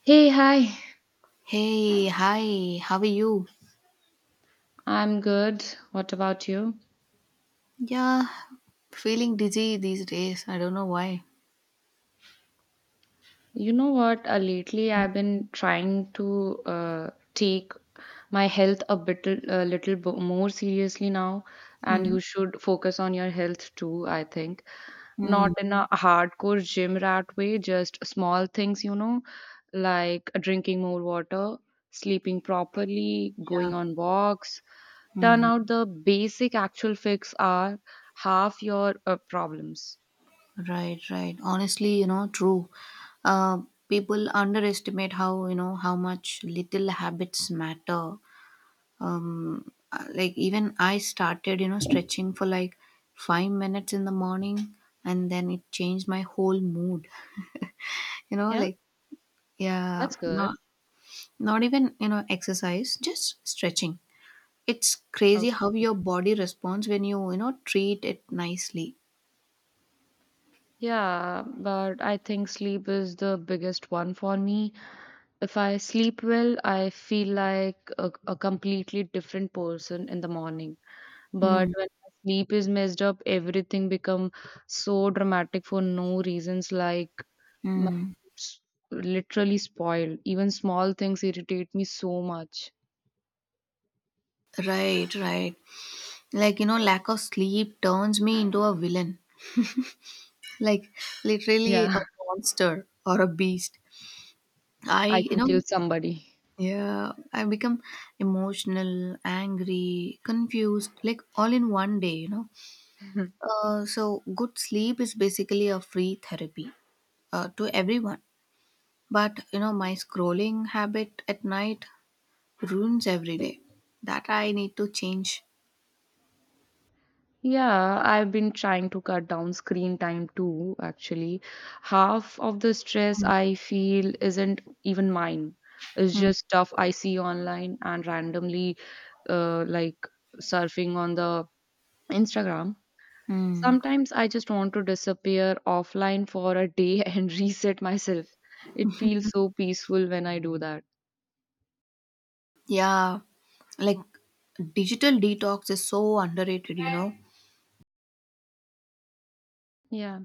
Hey, hi. Hey, hi, how are you? I'm good. What about you? Yeah, feeling dizzy these days. I don't know why. You know what? Lately, I've been trying to take my health more seriously now, and Mm-hmm. you should focus on your health too, I think. Not Mm, in a hardcore gym rat way, just small things, you know, like drinking more water, sleeping properly, yeah. going on walks. Turn Mm, out the basic actual fix are half your problems. right, right. Honestly, you know, true. Uh, People underestimate how much little habits matter. Like even I started, you know, stretching for like 5 minutes in the morning, and then it changed my whole mood. You know, Yeah, like, yeah, that's good. Not even, you know, exercise, just stretching. It's crazy how Okay. your body responds when you know, treat it nicely. Yeah, but I think sleep is the biggest one for me. If I sleep well, I feel like a completely different person in the morning. But Mm. when my sleep is messed up, everything become so dramatic for no reasons. Like my Mm. s- literally spoiled. Even small things irritate me so much. Right, right. Like, you know, lack of sleep turns me into a villain. Like literally a Yeah, monster or a beast. I I, you can know, kill somebody. yeah, I become emotional, angry, confused, like all in one day, you know. So good sleep is basically a free therapy to everyone. But you know, my scrolling habit at night ruins every day. That I need to change. Yeah, I've been trying to cut down screen time too, actually. Half of the stress Mm, I feel isn't even mine. It's mm, just stuff I see online and randomly, like surfing on the Instagram. mm. Sometimes I just want to disappear offline for a day and reset myself. It feels so peaceful when I do that. Yeah, like digital detox is so underrated, you know. Yeah.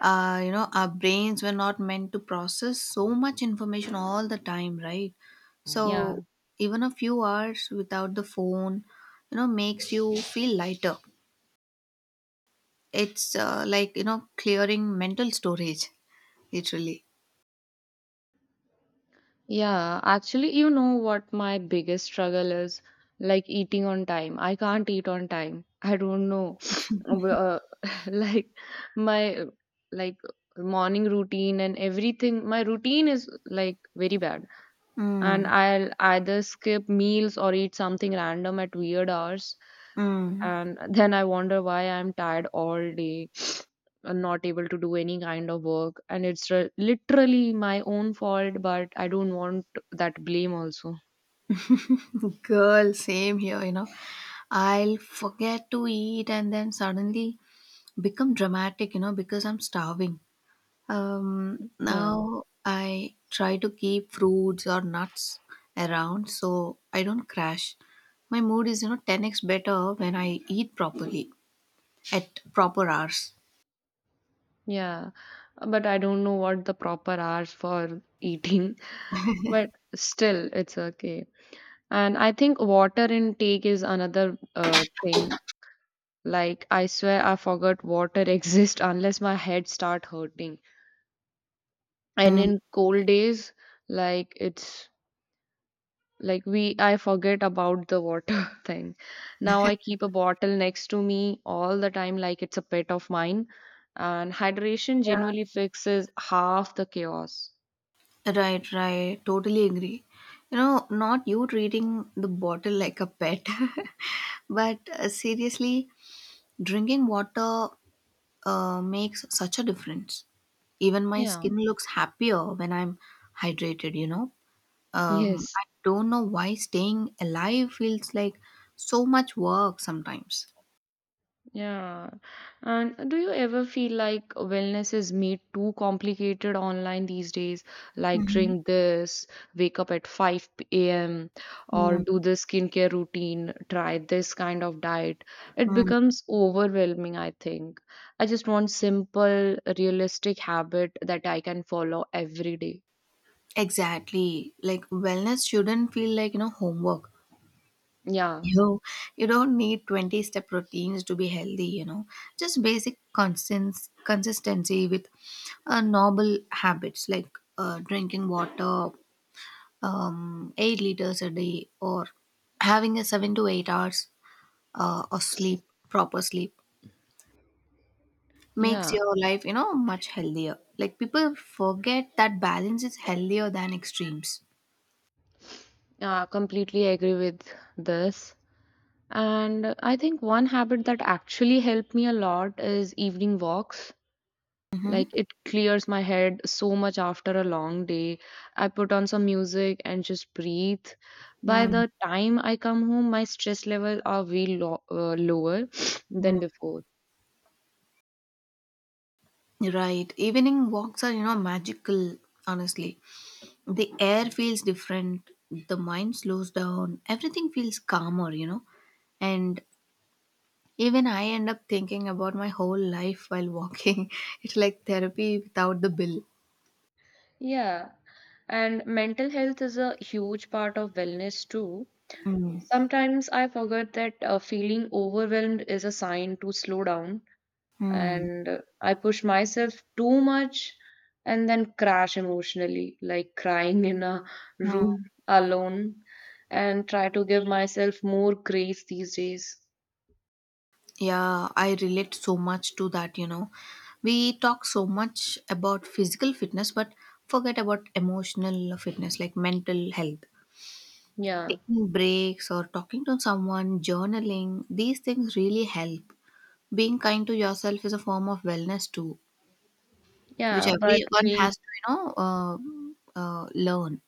You know, our brains were not meant to process so much information all the time, right? Mm, yeah. So even a few hours without the phone, you know, makes you feel lighter. It's clearing mental storage, literally. Yeah, actually, you know what my biggest struggle is? Like eating on time. I can't eat on time. I don't know. Uh, like my like morning routine and everything. My routine is like very bad and Mm, I'll either skip meals or eat something random at weird hours. mm. And then I wonder why I'm tired all day and not able to do any kind of work. And it's literally my own fault, but I don't want that blame also. Girl, same here, you know. I'll forget to eat and then suddenly become dramatic, you know, because I'm starving. Yeah. Now I try to keep fruits or nuts around so I don't crash. My mood is, you know, 10x better when I eat properly at proper hours. Yeah. But I don't know what the proper hours for eating. But still, it's okay. And I think water intake is another thing. Like, I swear I forgot water exists unless my head start hurting. And in cold days, like it's like we I forget about the water thing. Now I keep a bottle next to me all the time like it's a pet of mine. And hydration genuinely fixes half the chaos. Right, right. Totally agree. You know, not you treating the bottle like a pet, but seriously, drinking water makes such a difference. Even my Yeah. skin looks happier when I'm hydrated, you know. Yes. I don't know why staying alive feels like so much work sometimes. Yeah. And do you ever feel like wellness is made too complicated online these days? Like Mhm. drink this, wake up at 5 a.m., or Mm, do the skincare routine, try this kind of diet. It mm. becomes overwhelming, I think. I just want simple, realistic habit that I can follow every day. Exactly. Like wellness shouldn't feel like, you know, homework. Yeah. You you don't need 20 step routines to be healthy, you know. Just basic consistence consistency with noble habits like drinking water, 8 liters a day, or having a 7 to 8 hours of sleep proper sleep makes Yeah. your life, you know, much healthier. Like people forget that balance is healthier than extremes. Yeah, completely agree with this. And I think one habit that actually helped me a lot is evening walks. Like Mm-hmm. it clears my head so much after a long day. I put on some music and just breathe. By Mm, the time I come home, my stress level are way lower than mm. before. Right. Evening walks are, you know, magical, honestly. The air feels different, the mind slows down, everything feels calmer, you know. And even I end up thinking about my whole life while walking. It's like therapy without the bill. Yeah. And mental health is a huge part of wellness too. Mm, Sometimes I forget that feeling overwhelmed is a sign to slow down mm, and I push myself too much and then crash emotionally, like crying in a mm. room alone, and try to give myself more grace these days. Yeah, I relate so much to that, you know. We talk so much about physical fitness, but forget about emotional fitness, like mental health. Yeah, Taking breaks or talking to someone, journaling, these things really help. Being kind to yourself is a form of wellness too, which yeah, but everyone has we, to, learn.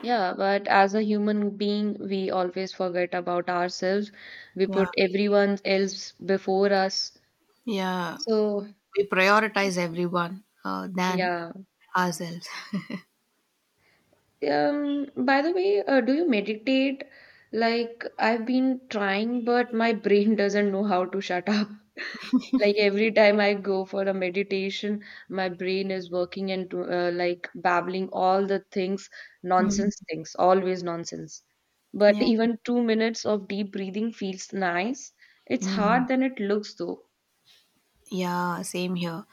yeah, but as a human being, we always forget about ourselves. We Yeah, put everyone else before us. yeah. So, We prioritize everyone than yeah. ourselves. By the way, do you meditate? Like, I've been trying, but my brain doesn't know how to shut up. Like, every time I go for a meditation, my brain is working and like babbling all the things, Mm, nonsense things, always nonsense. But yeah. even 2 minutes of deep breathing feels nice. It's Mm. hard than it looks, though. Yeah, same here.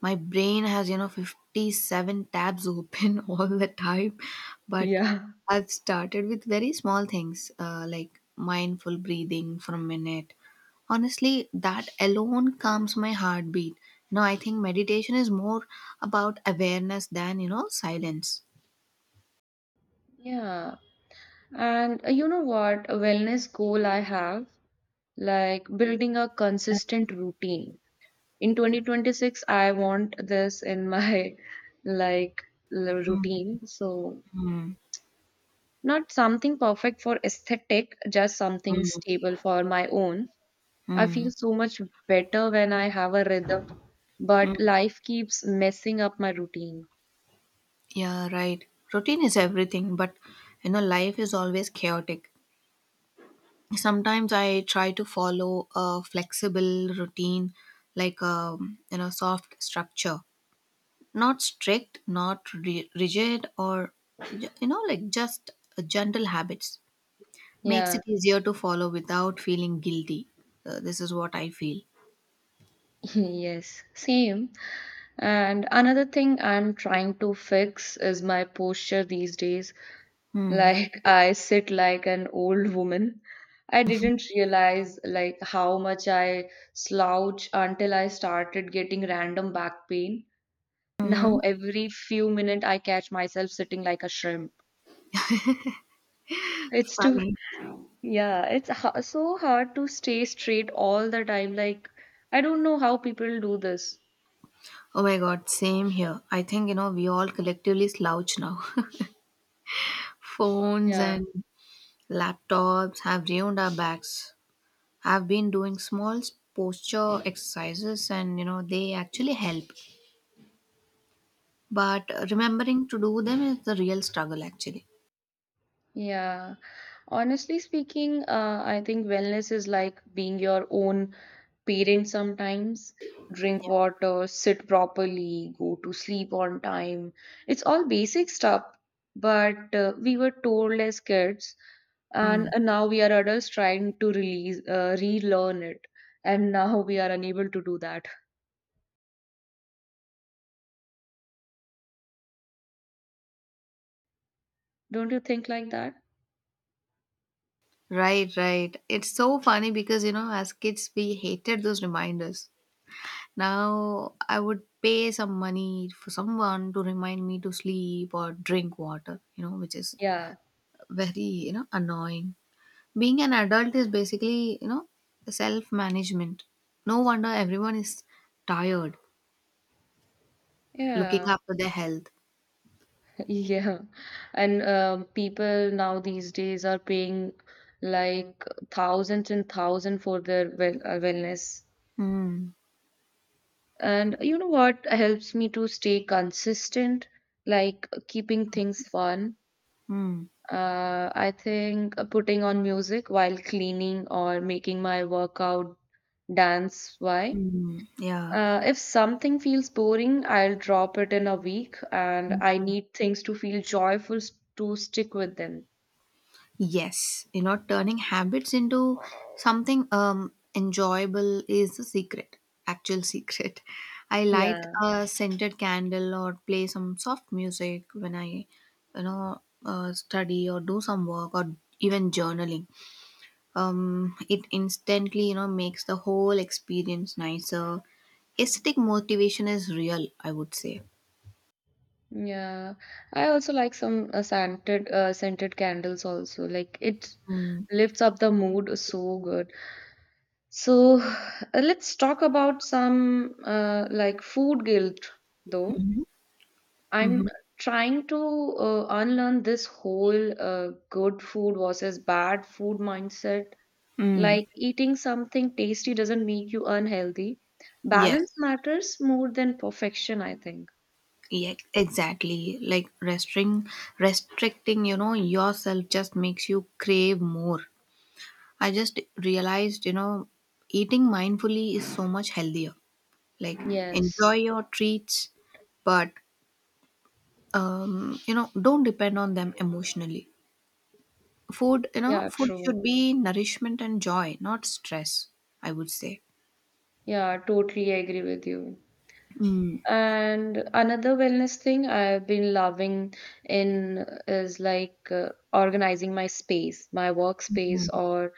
My brain has, you know, 57 tabs open all the time, but Yeah. I've started with very small things like mindful breathing for a minute. Honestly, that alone calms my heartbeat. You know, I think meditation is more about awareness than, you know, silence. Yeah. And you know what? A wellness goal I have, like building a consistent routine. In 2026, I want this in my like Mm, routine. So, hmm. not something perfect for aesthetic, just something Mm, stable for my own. I feel so much better when I have a rhythm, but mm. life keeps messing up my routine. Yeah, right. Routine is everything, but you know, life is always chaotic. Sometimes I try to follow a flexible routine, like a, you know, soft structure, not rigid, or you know, like just gentle habits, makes Yeah, it easier to follow without feeling guilty. This is what I feel. yes, same. And another thing I'm trying to fix is my posture these days. Hmm. Like I sit like an old woman. I didn't realize like how much I slouch until I started getting random back pain. Mm-hmm. Now every few minutes I catch myself sitting like a shrimp. It's too Funny. yeah, it's ha so hard to stay straight all the time. Like I don't know how people do this. Oh my god, same here. I think, you know, we all collectively slouch now. Phones Yeah. and laptops have ruined our backs. I've been doing small posture exercises, and you know, they actually help. But remembering to do them is the real struggle actually. Yeah. Honestly speaking, I think wellness is like being your own parent sometimes. Drink water, sit properly, go to sleep on time. It's all basic stuff, but we were told as kids, and now we are adults trying to relearn it, and now we are unable to do that. Don't you think like that? Right, right. It's so funny because you know, as kids we hated those reminders. Now I would pay some money for someone to remind me to sleep or drink water, you know, which is Yeah. very, you know, annoying. Being an adult is basically, you know, self management. No wonder everyone is tired looking Yeah. after their health. Yeah, and people now these days are paying like thousands and thousands for their wellness. Mm, And you know what helps me to stay consistent, like keeping things fun. mm, I think putting on music while cleaning or making my workout dance. Why? mm, yeah. If something feels boring, I'll drop it in a week, and I need things to feel to stick with them. Yes, you know, turning habits into something enjoyable is the secret, actual secret. I light Yeah. a scented candle or play some soft music when I, you know, study or do some work or even journaling. It instantly, you know, makes the whole experience nicer. Aesthetic motivation is real, I would say. Yeah, I also like some scented candles also. Like it Mm-hmm. lifts up the mood so good. So let's talk about some like food guilt though. Mm-hmm. I'm trying to unlearn this whole good food versus bad food mindset. Mm. Like eating something tasty doesn't make you unhealthy. Yes. Balance matters more than perfection, I think. Yeah, exactly. Like restricting, you know, yourself just makes you crave more. I just realized, you know, eating mindfully is so much healthier. Like Yes. enjoy your treats, but you know, don't depend on them emotionally. Yeah, Food true. should be nourishment and joy, not stress. I would say. Yeah, totally agree with you. Mm. And another wellness thing I've been loving in is like organizing my space, my workspace or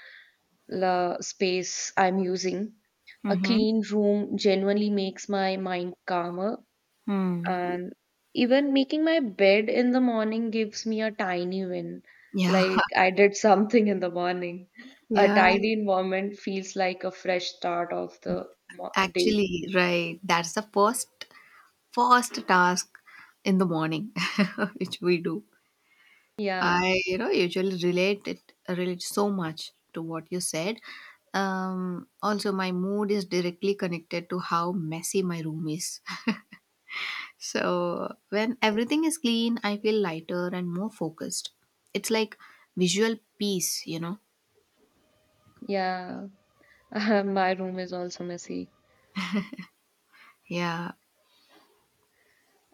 the space I'm using. A Mm-hmm. clean room genuinely makes my mind calmer, Mm. and even making my bed in the morning gives me a tiny win. Yeah. Like I did something in the morning. A Yeah. tidy environment feels like a fresh start of the day. Actually, right. That's the first task in the morning which we do. Yeah. I, you know, usually relate so much to what you said. Um, also my mood is directly connected to how messy my room is. So when everything is clean, I feel lighter and more focused. It's like visual peace, you know. Yeah, my room is also messy. Yeah,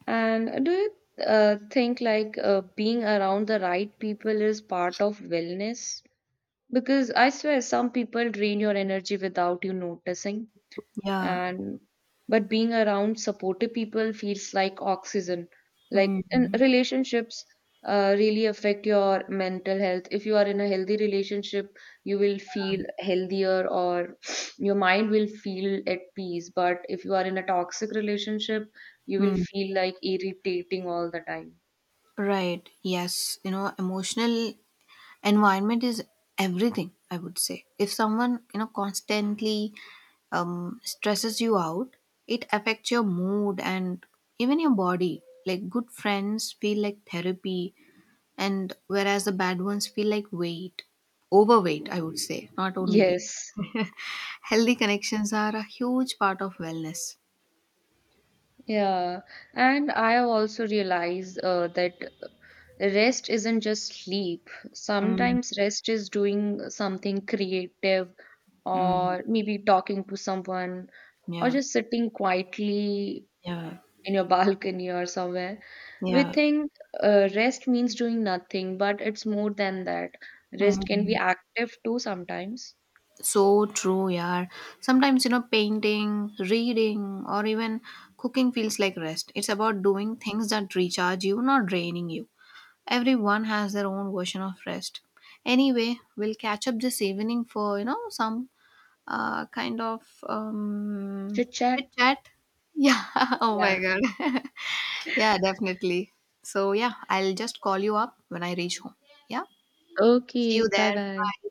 And do you think like being around the right people is part of wellness? Because I swear some people drain your energy without you noticing. yeah. And but being around supportive people feels like oxygen, like Mm, in relationships, really affect your mental health. If you are in a healthy relationship, you will feel healthier, or your mind will feel at peace. But if you are in a toxic relationship, you will mm. feel like irritating all the time. Right. Yes. You know, emotional environment is everything, I would say. If someone, you know, constantly stresses you out, it affects your mood and even your body. Like good friends feel like therapy, and whereas the bad ones feel like weight, overweight, I would say, not only weight. Yes. Healthy connections are a huge part of wellness. Yeah, and I have also realized that rest isn't just sleep. Mm, Sometimes rest is doing something creative, mm, or maybe talking to someone, or yeah, just sitting quietly yeah, in your balcony or somewhere. We yeah. think rest means doing nothing, but it's more than that. Rest can be Mm. active too sometimes. So true, yeah. Sometimes, you know, painting, reading, or even cooking feels like rest. It's about doing things that recharge you, not draining you. Everyone has their own version of rest. Anyway, we'll catch up this evening for, you know, some kind of Chit chat. chit chat. Yeah, oh my Yeah. god. Yeah, definitely. So, yeah, I'll just call you up when I reach home. Yeah, see Okay. you Bye there. bye. Bye.